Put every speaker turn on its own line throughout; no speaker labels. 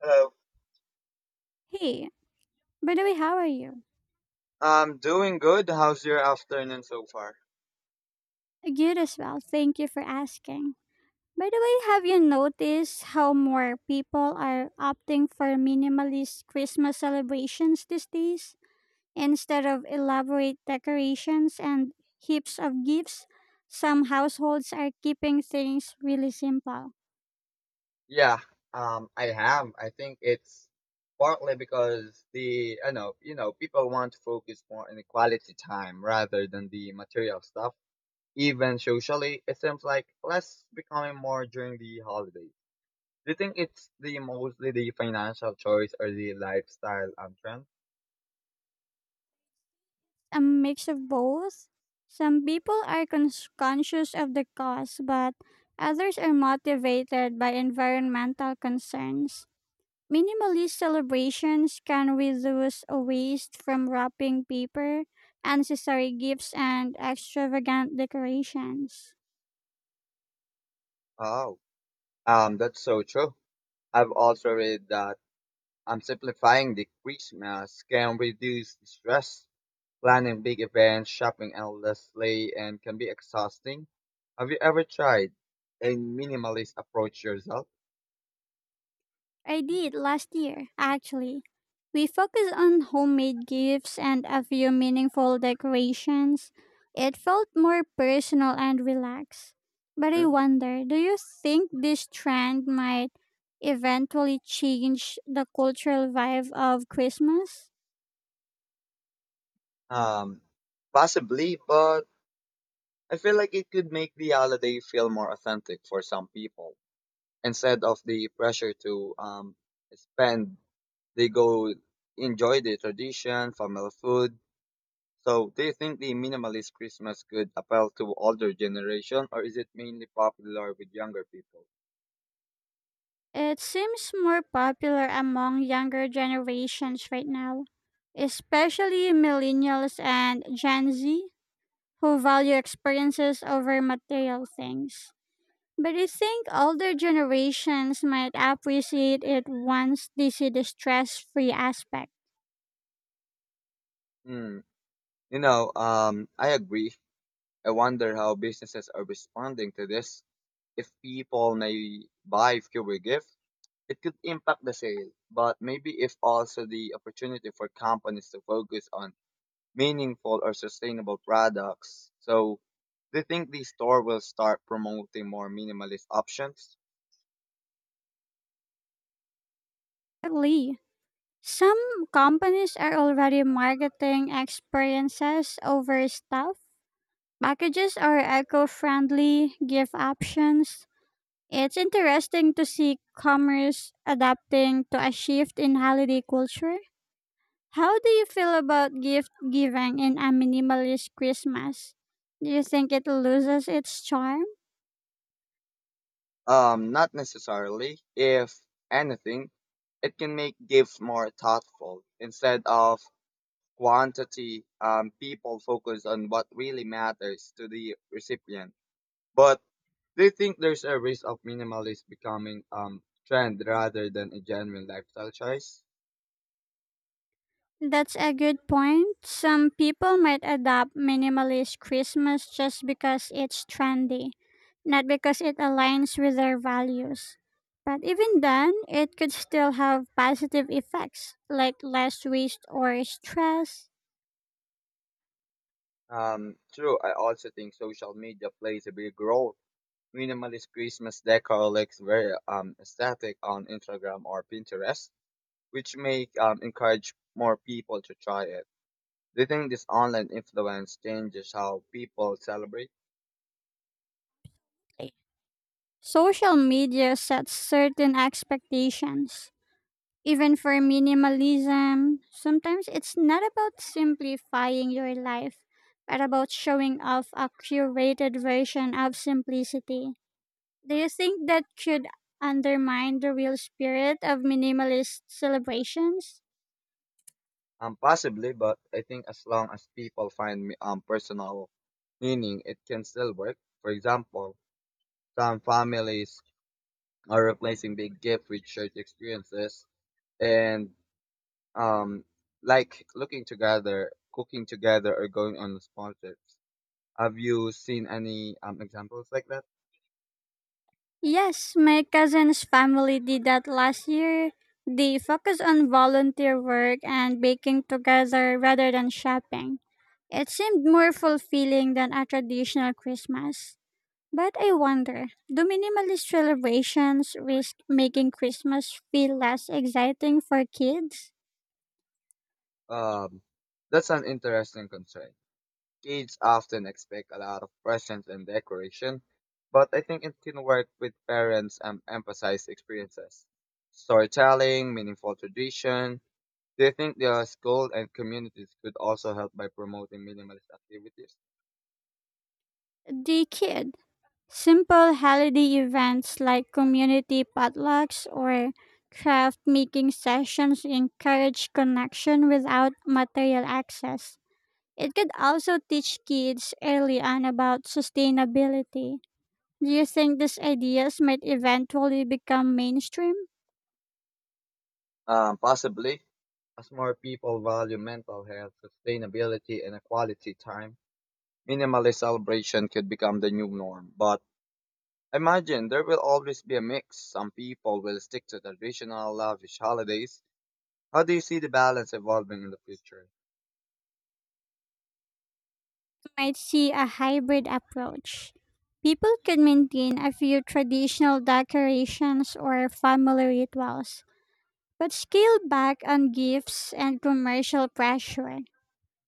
Hello.
Hey, by the way, how are you?
I'm doing good. How's your afternoon so far?
Good as well. Thank you for asking. By the way, have you noticed how more people are opting for minimalist Christmas celebrations these days? Instead of elaborate decorations and heaps of gifts, some households are keeping things really simple.
Yeah, I have. I think it's partly because the I know you know people want to focus more on the quality time rather than the material stuff. Even socially, it seems like less becoming more during the holidays. Do you think it's the mostly the financial choice or the lifestyle trend?
A mix of both. Some people are conscious of the cost, but others are motivated by environmental concerns. Minimalist celebrations can reduce a waste from wrapping paper, unnecessary gifts, and extravagant decorations.
Oh, that's so true. I've also read that simplifying the Christmas can reduce the stress. Planning big events, shopping endlessly, and can be exhausting. Have you ever tried a minimalist approach yourself?
I did last year, actually. We focused on homemade gifts and a few meaningful decorations. It felt more personal and relaxed. But I
Hmm?
wonder, do you think this trend might eventually change the cultural vibe of Christmas?
Um, Possibly, but I feel like it could make the holiday feel more authentic for some people. Instead of the pressure to spend, they go enjoy the tradition, family food. So, do you think the minimalist Christmas could appeal to older generation, or is it mainly popular with younger people?
It seems more popular among younger generations right now, especially millennials and Gen Z, who value experiences over material things. But I think older generations might appreciate it once they see the stress free aspect.
Hmm. You know, I agree. I wonder how businesses are responding to this. If people may buy fewer gifts, it could impact the sale, but maybe if also the opportunity for companies to focus on meaningful or sustainable products. So, do you think the store will start promoting more minimalist options?
Lee. Some companies are already marketing experiences over stuff. Packages are eco friendly, gift options. It's interesting to see commerce adapting to a shift in holiday culture. How do you feel about gift giving in a minimalist Christmas? Do you think it loses its charm?
Not necessarily. If anything, it can make gifts more thoughtful instead of quantity, people focus on what really matters to the recipient. But do you think there's a risk of minimalist becoming trend rather than a genuine lifestyle choice?
That's a good point. Some people might adopt minimalist Christmas just because it's trendy, not because it aligns with their values. But even then, it could still have positive effects like less waste or stress.
True. I also think social media plays a big role. Minimalist Christmas decor looks very aesthetic on Instagram or Pinterest, which may encourage more people to try it. Do you think this online influence changes how people celebrate?
Social media sets certain expectations. Even for minimalism, sometimes it's not about simplifying your life, but about showing off a curated version of simplicity. Do you think that could undermine the real spirit of minimalist celebrations?
Possibly, but I think as long as people find personal meaning, it can still work. For example, some families are replacing big gifts with shared experiences, and um, like looking together, cooking together, or going on small trips. Have you seen any examples like that?
Yes, my cousin's family did that last year. They focused on volunteer work and baking together rather than shopping. It seemed more fulfilling than a traditional Christmas. But I wonder, do minimalist celebrations risk making Christmas feel less exciting for kids?
Um, that's an interesting concern. Kids often expect a lot of presents and decoration, but I think it can work with parents and emphasize experiences. Storytelling, meaningful tradition. Do you think the school and communities could also help by promoting minimalist activities?
The kid. Simple holiday events like community potlucks or craft making sessions encourage connection without material access. It could also teach kids early on about sustainability. Do you think these ideas might eventually become mainstream?
Possibly. As more people value mental health, sustainability, and quality time, minimalist celebration could become the new norm. But imagine there will always be a mix. Some people will stick to traditional lavish holidays. How do you see the balance evolving in the future?
Might see a hybrid approach. People could maintain a few traditional decorations or family rituals, but scale back on gifts and commercial pressure.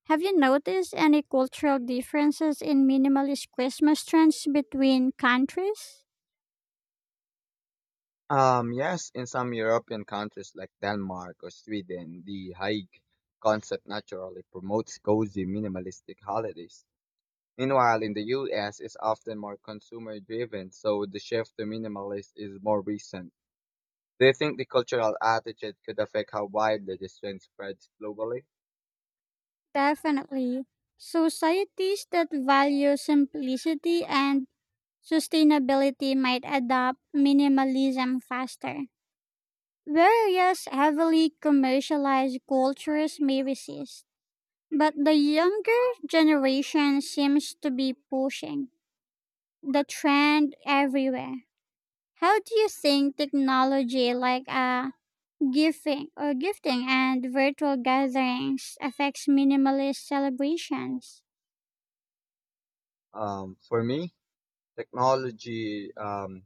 Have you noticed any cultural differences in minimalist Christmas trends between countries?
Yes, in some European countries like Denmark or Sweden, the hike concept naturally promotes cozy minimalistic holidays. Meanwhile, in the US, it's often more consumer driven, so the shift to minimalist is more recent. Do you think the cultural attitude could affect how widely this trend spreads globally?
Definitely. Societies that value simplicity and sustainability might adopt minimalism faster, whereas heavily commercialized cultures may resist. But the younger generation seems to be pushing the trend everywhere. How do you think technology like gifting or gifting and virtual gatherings affects minimalist celebrations?
For me, technology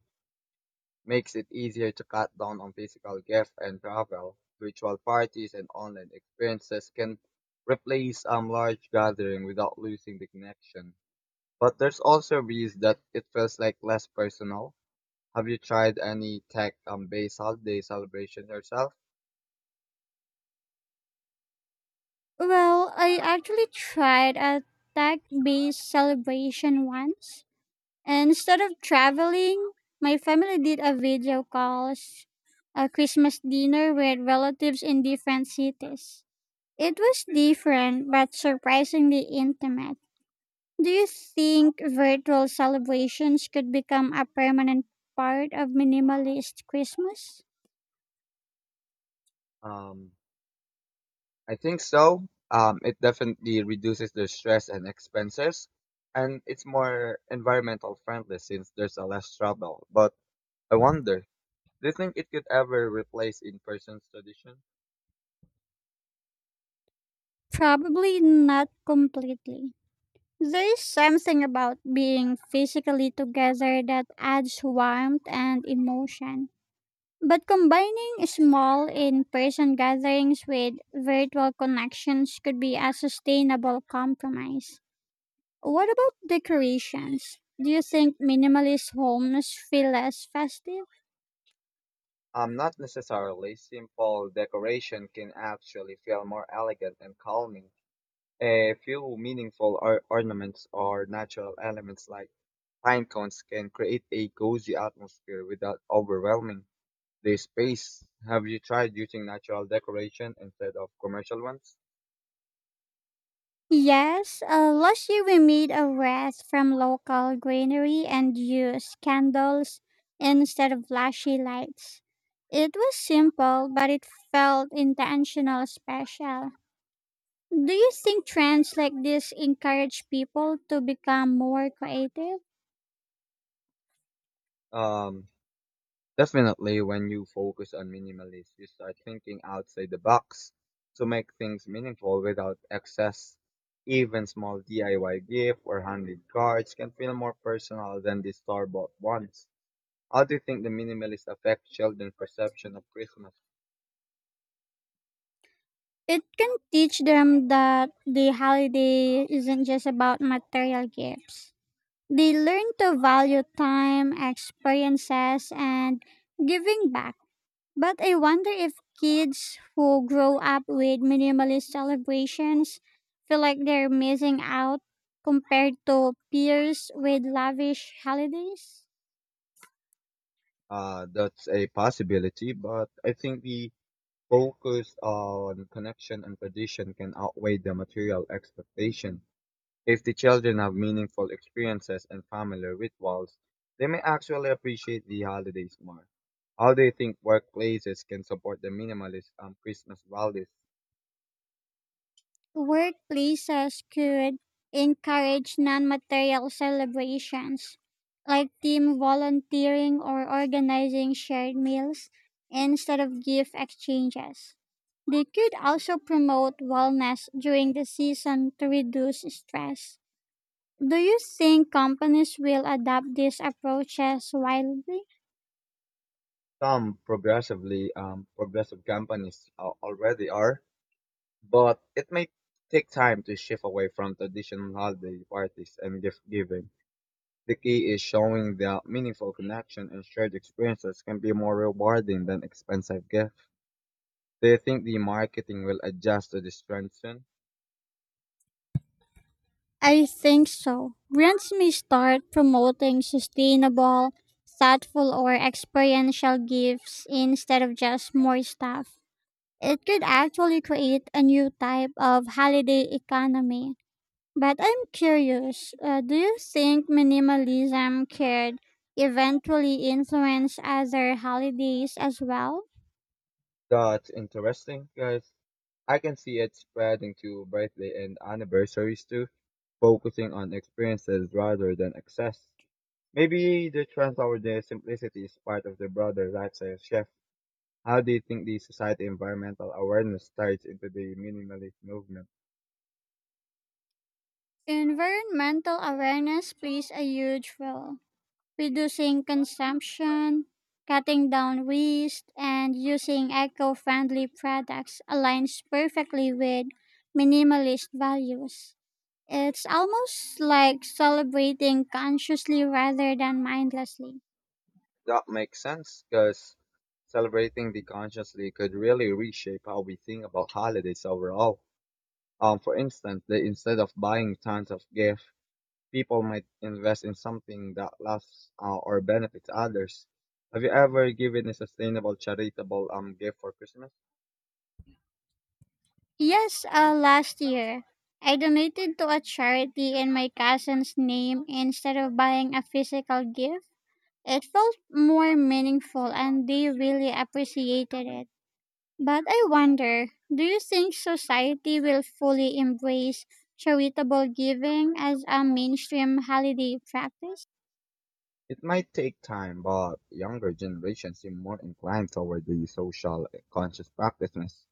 makes it easier to cut down on physical gifts and travel. Virtual parties and online experiences can replace large gathering without losing the connection. But there's also a risk that it feels like less personal. Have you tried any tech based holiday celebration yourself?
Well, I actually tried a tech based celebration once. And instead of traveling, my family did a video calls, a Christmas dinner with relatives in different cities. It was different, but surprisingly intimate. Do you think virtual celebrations could become a permanent part of minimalist Christmas?
Um, I think so. It definitely reduces the stress and expenses, and it's more environmental friendly since there's a less travel. But I wonder, do you think it could ever replace in-person tradition?
Probably not completely. There is something about being physically together that adds warmth and emotion. But combining small in person gatherings with virtual connections could be a sustainable compromise. What about decorations? Do you think minimalist homes feel less festive?
Not necessarily. Simple decoration can actually feel more elegant and calming. A few meaningful ornaments or natural elements like pine cones can create a cozy atmosphere without overwhelming the space. Have you tried using natural decoration instead of commercial ones?
Yes, last year we made a wreath from local greenery and used candles instead of flashy lights. It was simple, but it felt intentional special. Do you think trends like this encourage people to become more creative?
Um, Definitely, when you focus on minimalism, you start thinking outside the box to make things meaningful without excess. Even small DIY gift or handmade cards can feel more personal than the store-bought ones. How do you think the minimalist affect children's perception of Christmas?
It can teach them that the holiday isn't just about material gifts. They learn to value time, experiences, and giving back. But I wonder if kids who grow up with minimalist celebrations feel like they're missing out compared to peers with lavish holidays.
That's a possibility, but I think the focus on connection and tradition can outweigh the material expectation. If the children have meaningful experiences and family rituals, they may actually appreciate the holidays more. How do you think workplaces can support the minimalist Christmas values?
Workplaces could encourage non material celebrations like team volunteering or organizing shared meals instead of gift exchanges. They could also promote wellness during the season to reduce stress. Do you think companies will adopt these approaches widely?
Some progressive companies already are, but it may take time to shift away from traditional holiday parties and gift giving. The key is showing that meaningful connection and shared experiences can be more rewarding than expensive gifts. Do you think the marketing will adjust to this transition?
I think so. Brands may start promoting sustainable, thoughtful, or experiential gifts instead of just more stuff. It could actually create a new type of holiday economy. But I'm curious, do you think minimalism could eventually influence other holidays as well?
That's interesting because I can see it spreading to birthday and anniversaries too, focusing on experiences rather than access. Maybe the trend toward the simplicity is part of the broader lifestyle shift. How do you think the society environmental awareness ties into the minimalist movement?
Environmental awareness plays a huge role, reducing consumption, cutting down waste, and using eco friendly products aligns perfectly with minimalist values. It's almost like celebrating consciously rather than mindlessly.
That makes sense because celebrating the consciously could really reshape how we think about holidays overall. For instance, they instead of buying tons of gifts, people might invest in something that lasts or benefits others. Have you ever given a sustainable charitable gift for Christmas?
Yes, last year, I donated to a charity in my cousin's name instead of buying a physical gift. It felt more meaningful and they really appreciated it. But I wonder, do you think society will fully embrace charitable giving as a mainstream holiday practice?
It might take time, but younger generations seem more inclined toward the social conscious practices.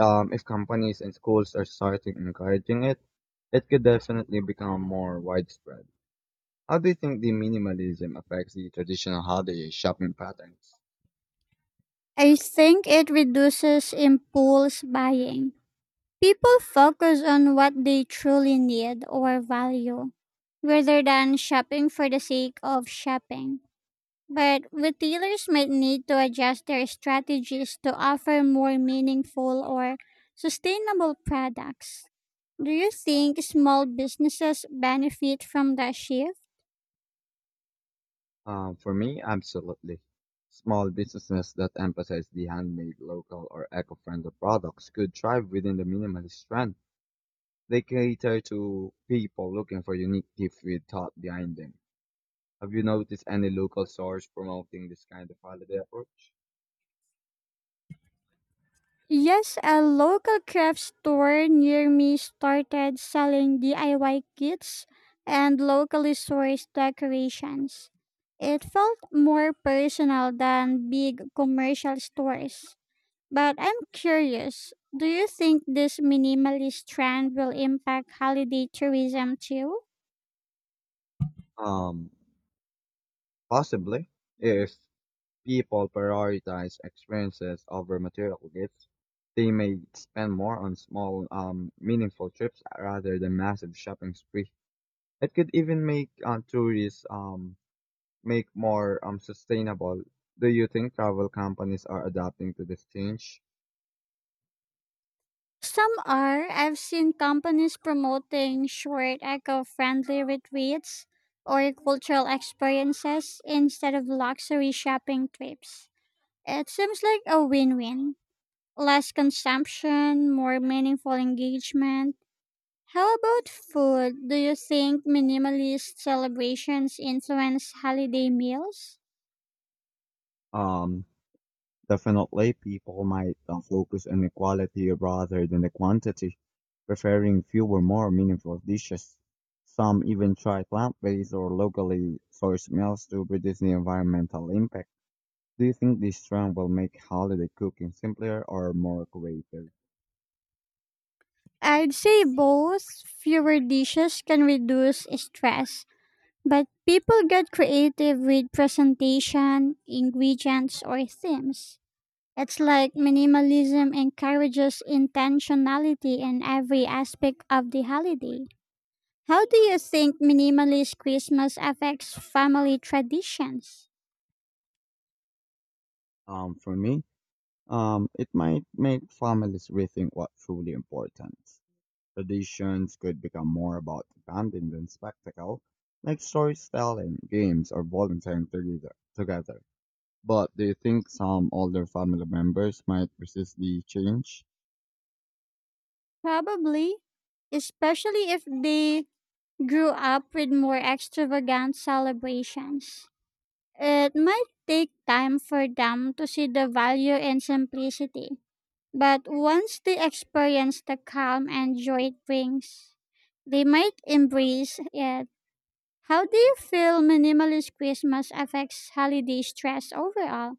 If companies and schools are starting encouraging it, it could definitely become more widespread. How do you think the minimalism affects the traditional holiday shopping patterns?
I think it reduces impulse buying. People focus on what they truly need or value rather than shopping for the sake of shopping. But retailers might need to adjust their strategies to offer more meaningful or sustainable products. Do you think small businesses benefit from that shift?
For me, absolutely. Small businesses that emphasize the handmade, local, or eco-friendly products could thrive within the minimalist trend. They cater to people looking for unique gifts with thought behind them. Have you noticed any local stores promoting this kind of holiday approach?
Yes, a local craft store near me started selling DIY kits and locally sourced decorations. It felt more personal than big commercial stores. But I'm curious, do you think this minimalist trend will impact holiday tourism too?
Um, Possibly. If people prioritize experiences over material gifts, they may spend more on small, meaningful trips rather than massive shopping spree. It could even make tourists make more sustainable. Do you think travel companies are adapting to this change?
Some are. I've seen companies promoting short eco friendly retreats or cultural experiences instead of luxury shopping trips. It seems like a win win. Less consumption, more meaningful engagement. How about food? Do you think minimalist celebrations influence holiday meals?
Um, Definitely, people might focus on the quality rather than the quantity, preferring fewer more meaningful dishes. Some even try plant-based or locally sourced meals to reduce the environmental impact. Do you think this trend will make holiday cooking simpler or more creative?
I'd say both. Fewer dishes can reduce stress, but people get creative with presentation, ingredients, or themes. It's like minimalism encourages intentionality in every aspect of the holiday. How do you think minimalist Christmas affects family traditions?
For me, it might make families rethink what's truly important. Traditions could become more about bonding than spectacle, like storytelling, games, or volunteering together. But do you think some older family members might resist the change?
Probably, especially if they grew up with more extravagant celebrations. It might take time for them to see the value in simplicity, but once they experience the calm and joy it brings, they might embrace it. How do you feel minimalist Christmas affects holiday stress overall?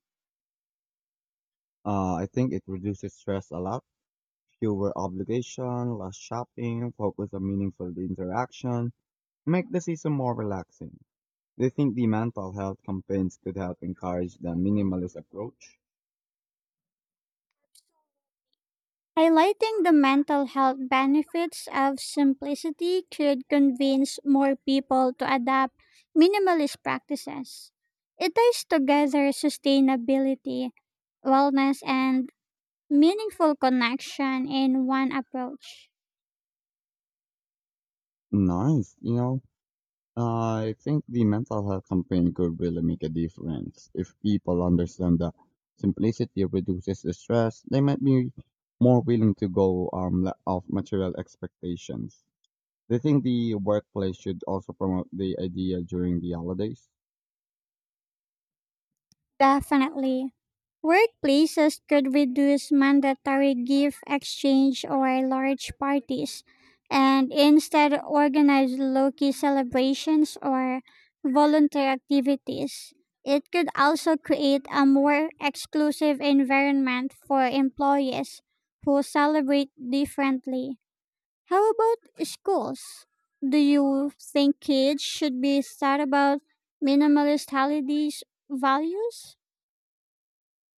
I think it reduces stress a lot. Fewer obligation, less shopping, focus on meaningful interaction, make the season more relaxing. Do you think the mental health campaigns could help encourage the minimalist approach?
Highlighting the mental health benefits of simplicity could convince more people to adopt minimalist practices. It ties together sustainability, wellness, and meaningful connection in one approach.
Nice. You know, I think the mental health campaign could really make a difference. If people understand that simplicity reduces the stress, they might be more willing to go off material expectations. Do you think the workplace should also promote the idea during the holidays?
Definitely. Workplaces could reduce mandatory gift exchange or large parties and instead organize low key celebrations or volunteer activities. It could also create a more exclusive environment for employees who celebrate differently. How about schools? Do you think kids should be taught about minimalist holidays values?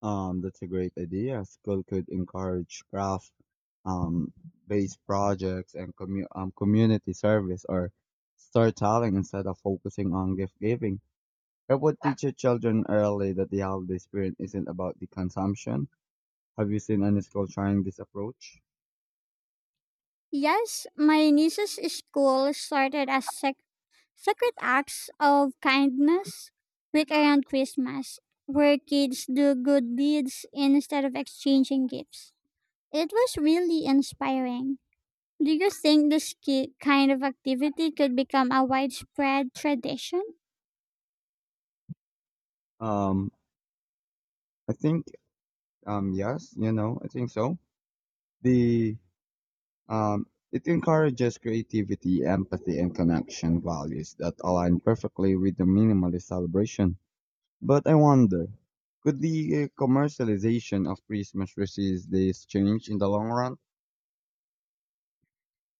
That's a great idea. School could encourage craft um based projects and community service or storytelling instead of focusing on gift giving. I would teach your children early that the holiday spirit isn't about the consumption. Have you seen any school trying this approach?
Yes, my niece's school started as secret acts of kindness week around Christmas, where kids do good deeds instead of exchanging gifts. It was really inspiring. Do you think this kind of activity could become a widespread tradition?
Um, I think yes, you know, I think so. The It encourages creativity, empathy, and connection values that align perfectly with the minimalist celebration. But I wonder, could the commercialization of Christmas resist this change in the long run?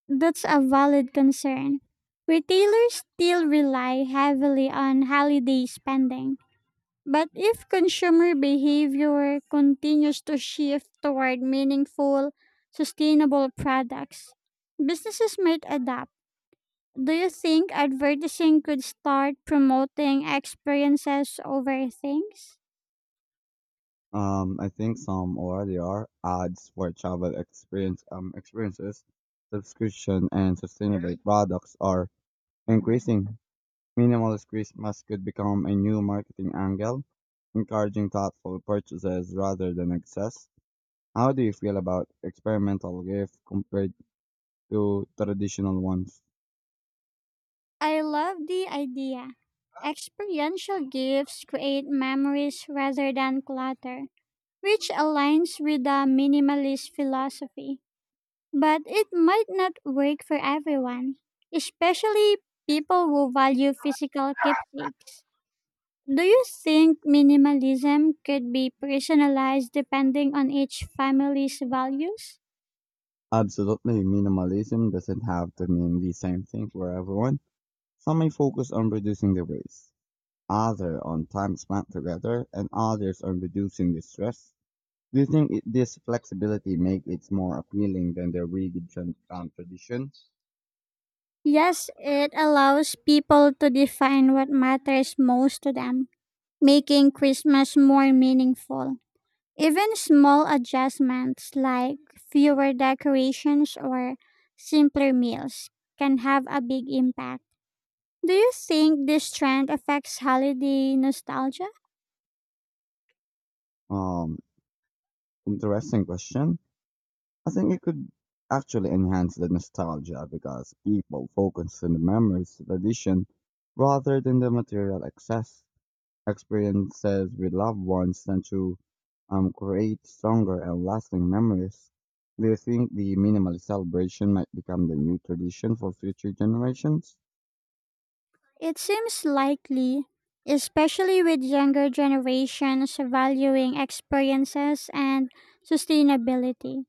That's a valid concern. Retailers still rely heavily on holiday spending. But if consumer behavior continues to shift toward meaningful, sustainable products, businesses might adapt. Do you think advertising could start promoting experiences over things?
I think some already are ads for travel experiences, subscription and sustainable products are increasing. Minimalist Christmas could become a new marketing angle, encouraging thoughtful purchases rather than excess. How do you feel about experimental gifts compared to traditional ones?
I love the idea. Experiential gifts create memories rather than clutter, which aligns with the minimalist philosophy. But it might not work for everyone, especially people who value physical keepsakes. Do you think minimalism could be personalized depending on each family's values?
Absolutely, minimalism doesn't have to mean the same thing for everyone. Some may focus on reducing the waste, others on time spent together, and others on reducing the stress? Do you think it, this flexibility makes it more appealing than the rigid traditions?
Yes, it allows people to define what matters most to them, making Christmas more meaningful. Even small adjustments like fewer decorations or simpler meals can have a big impact. Do you think this trend affects holiday nostalgia?
Um, Interesting question. I think it could actually enhance the nostalgia because people focus on the memories, tradition, rather than the material excess. Experiences with loved ones tend to create stronger and lasting memories. Do you think the minimal celebration might become the new tradition for future generations?
It seems likely, especially with younger generations valuing experiences and sustainability.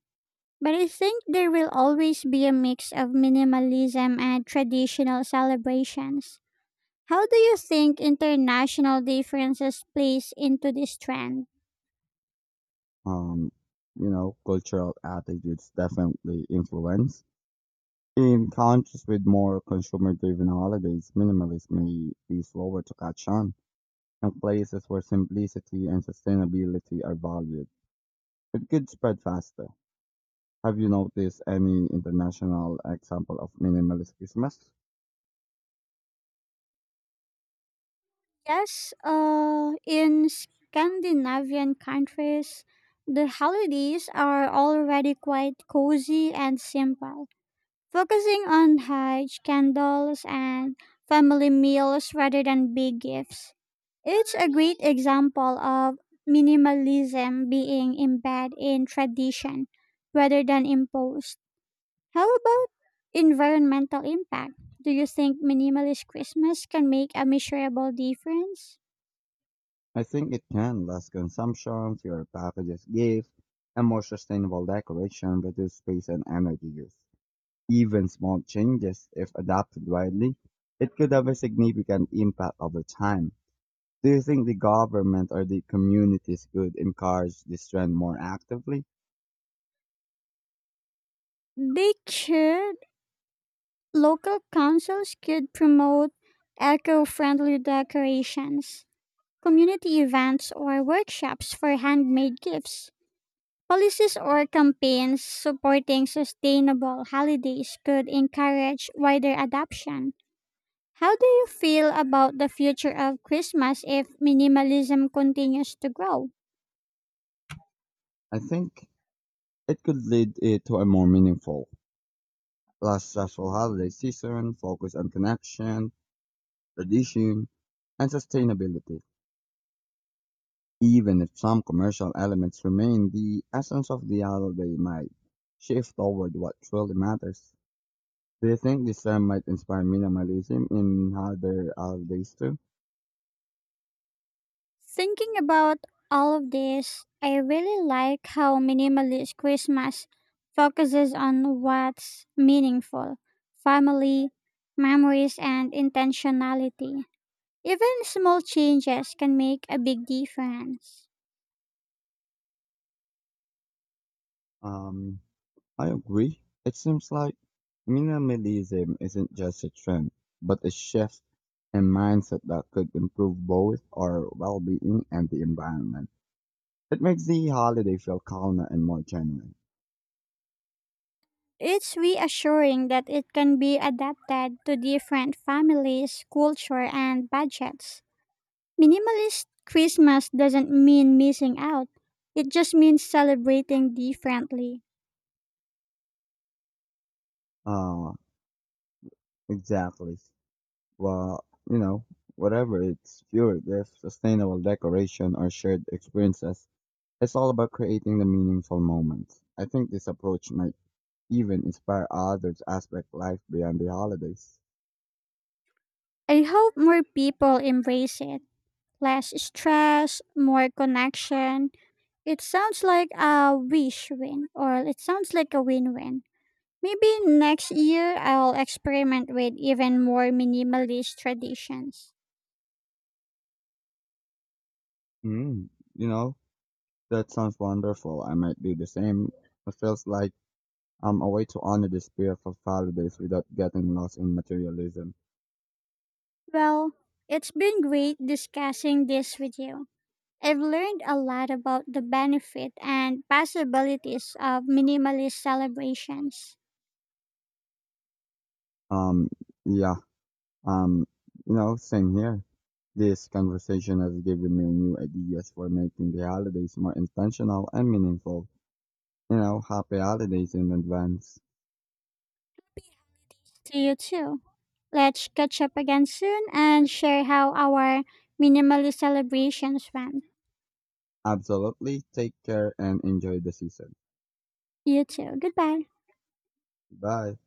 But I think there will always be a mix of minimalism and traditional celebrations. How do you think international differences plays into this trend?
Um, you know, cultural attitudes definitely influence. In countries with more consumer driven holidays, minimalism may be slower to catch on, and places where simplicity and sustainability are valued. It could spread faster. Have you noticed any international example of minimalist Christmas?
Yes, in Scandinavian countries, the holidays are already quite cozy and simple, focusing on haj, candles, and family meals rather than big gifts. It's a great example of minimalism being embedded in tradition rather than imposed. How about environmental impact? Do you think minimalist Christmas can make a measurable difference?
I think it can less consumption, fewer packages, gifts, and more sustainable decoration reduce space and energy use. Even small changes, if adopted widely, it could have a significant impact over time. Do you think the government or the communities could encourage this trend more actively?
They could. Local councils could promote eco friendly decorations, community events, or workshops for handmade gifts. Policies or campaigns supporting sustainable holidays could encourage wider adoption. How do you feel about the future of Christmas if minimalism continues to grow?
I think it could lead it to a more meaningful, less stressful holiday season, focus on connection, tradition, and sustainability. Even if some commercial elements remain, the essence of the holiday might shift toward what truly matters. Do you think this term might inspire minimalism in other holidays too?
Thinking about all of this, I really like how minimalist Christmas focuses on what's meaningful: family, memories, and intentionality. Even small changes can make a big difference.
Um, I agree. It seems like minimalism isn't just a trend, but a shift in mindset that could improve both our well-being and the environment. It makes the holiday feel calmer and more genuine.
It's reassuring that it can be adapted to different families, culture, and budgets. Minimalist Christmas doesn't mean missing out, it just means celebrating differently.
Uh, Exactly. Well, you know, whatever it's fueled with, sustainable decoration or shared experiences, it's all about creating the meaningful moments. I think this approach might even inspire others to aspect life beyond the holidays.
I hope more people embrace it. Less stress, more connection. It sounds like a wish win, or it sounds like a win win. Maybe next year I'll experiment with even more minimalist traditions.
Mm, you know, that sounds wonderful. I might do the same. It feels like a way to honor the spirit of holidays without getting lost in materialism.
Well, it's been great discussing this with you. I've learned a lot about the benefit and possibilities of minimalist celebrations.
Um, yeah. Um, you know, same here. This conversation has given me new ideas for making the holidays more intentional and meaningful. You know, happy holidays in advance.
Peace to you too. Let's catch up again soon and share how our minimalist celebrations went.
Absolutely. Take care and enjoy the season.
You too. Goodbye.
Bye.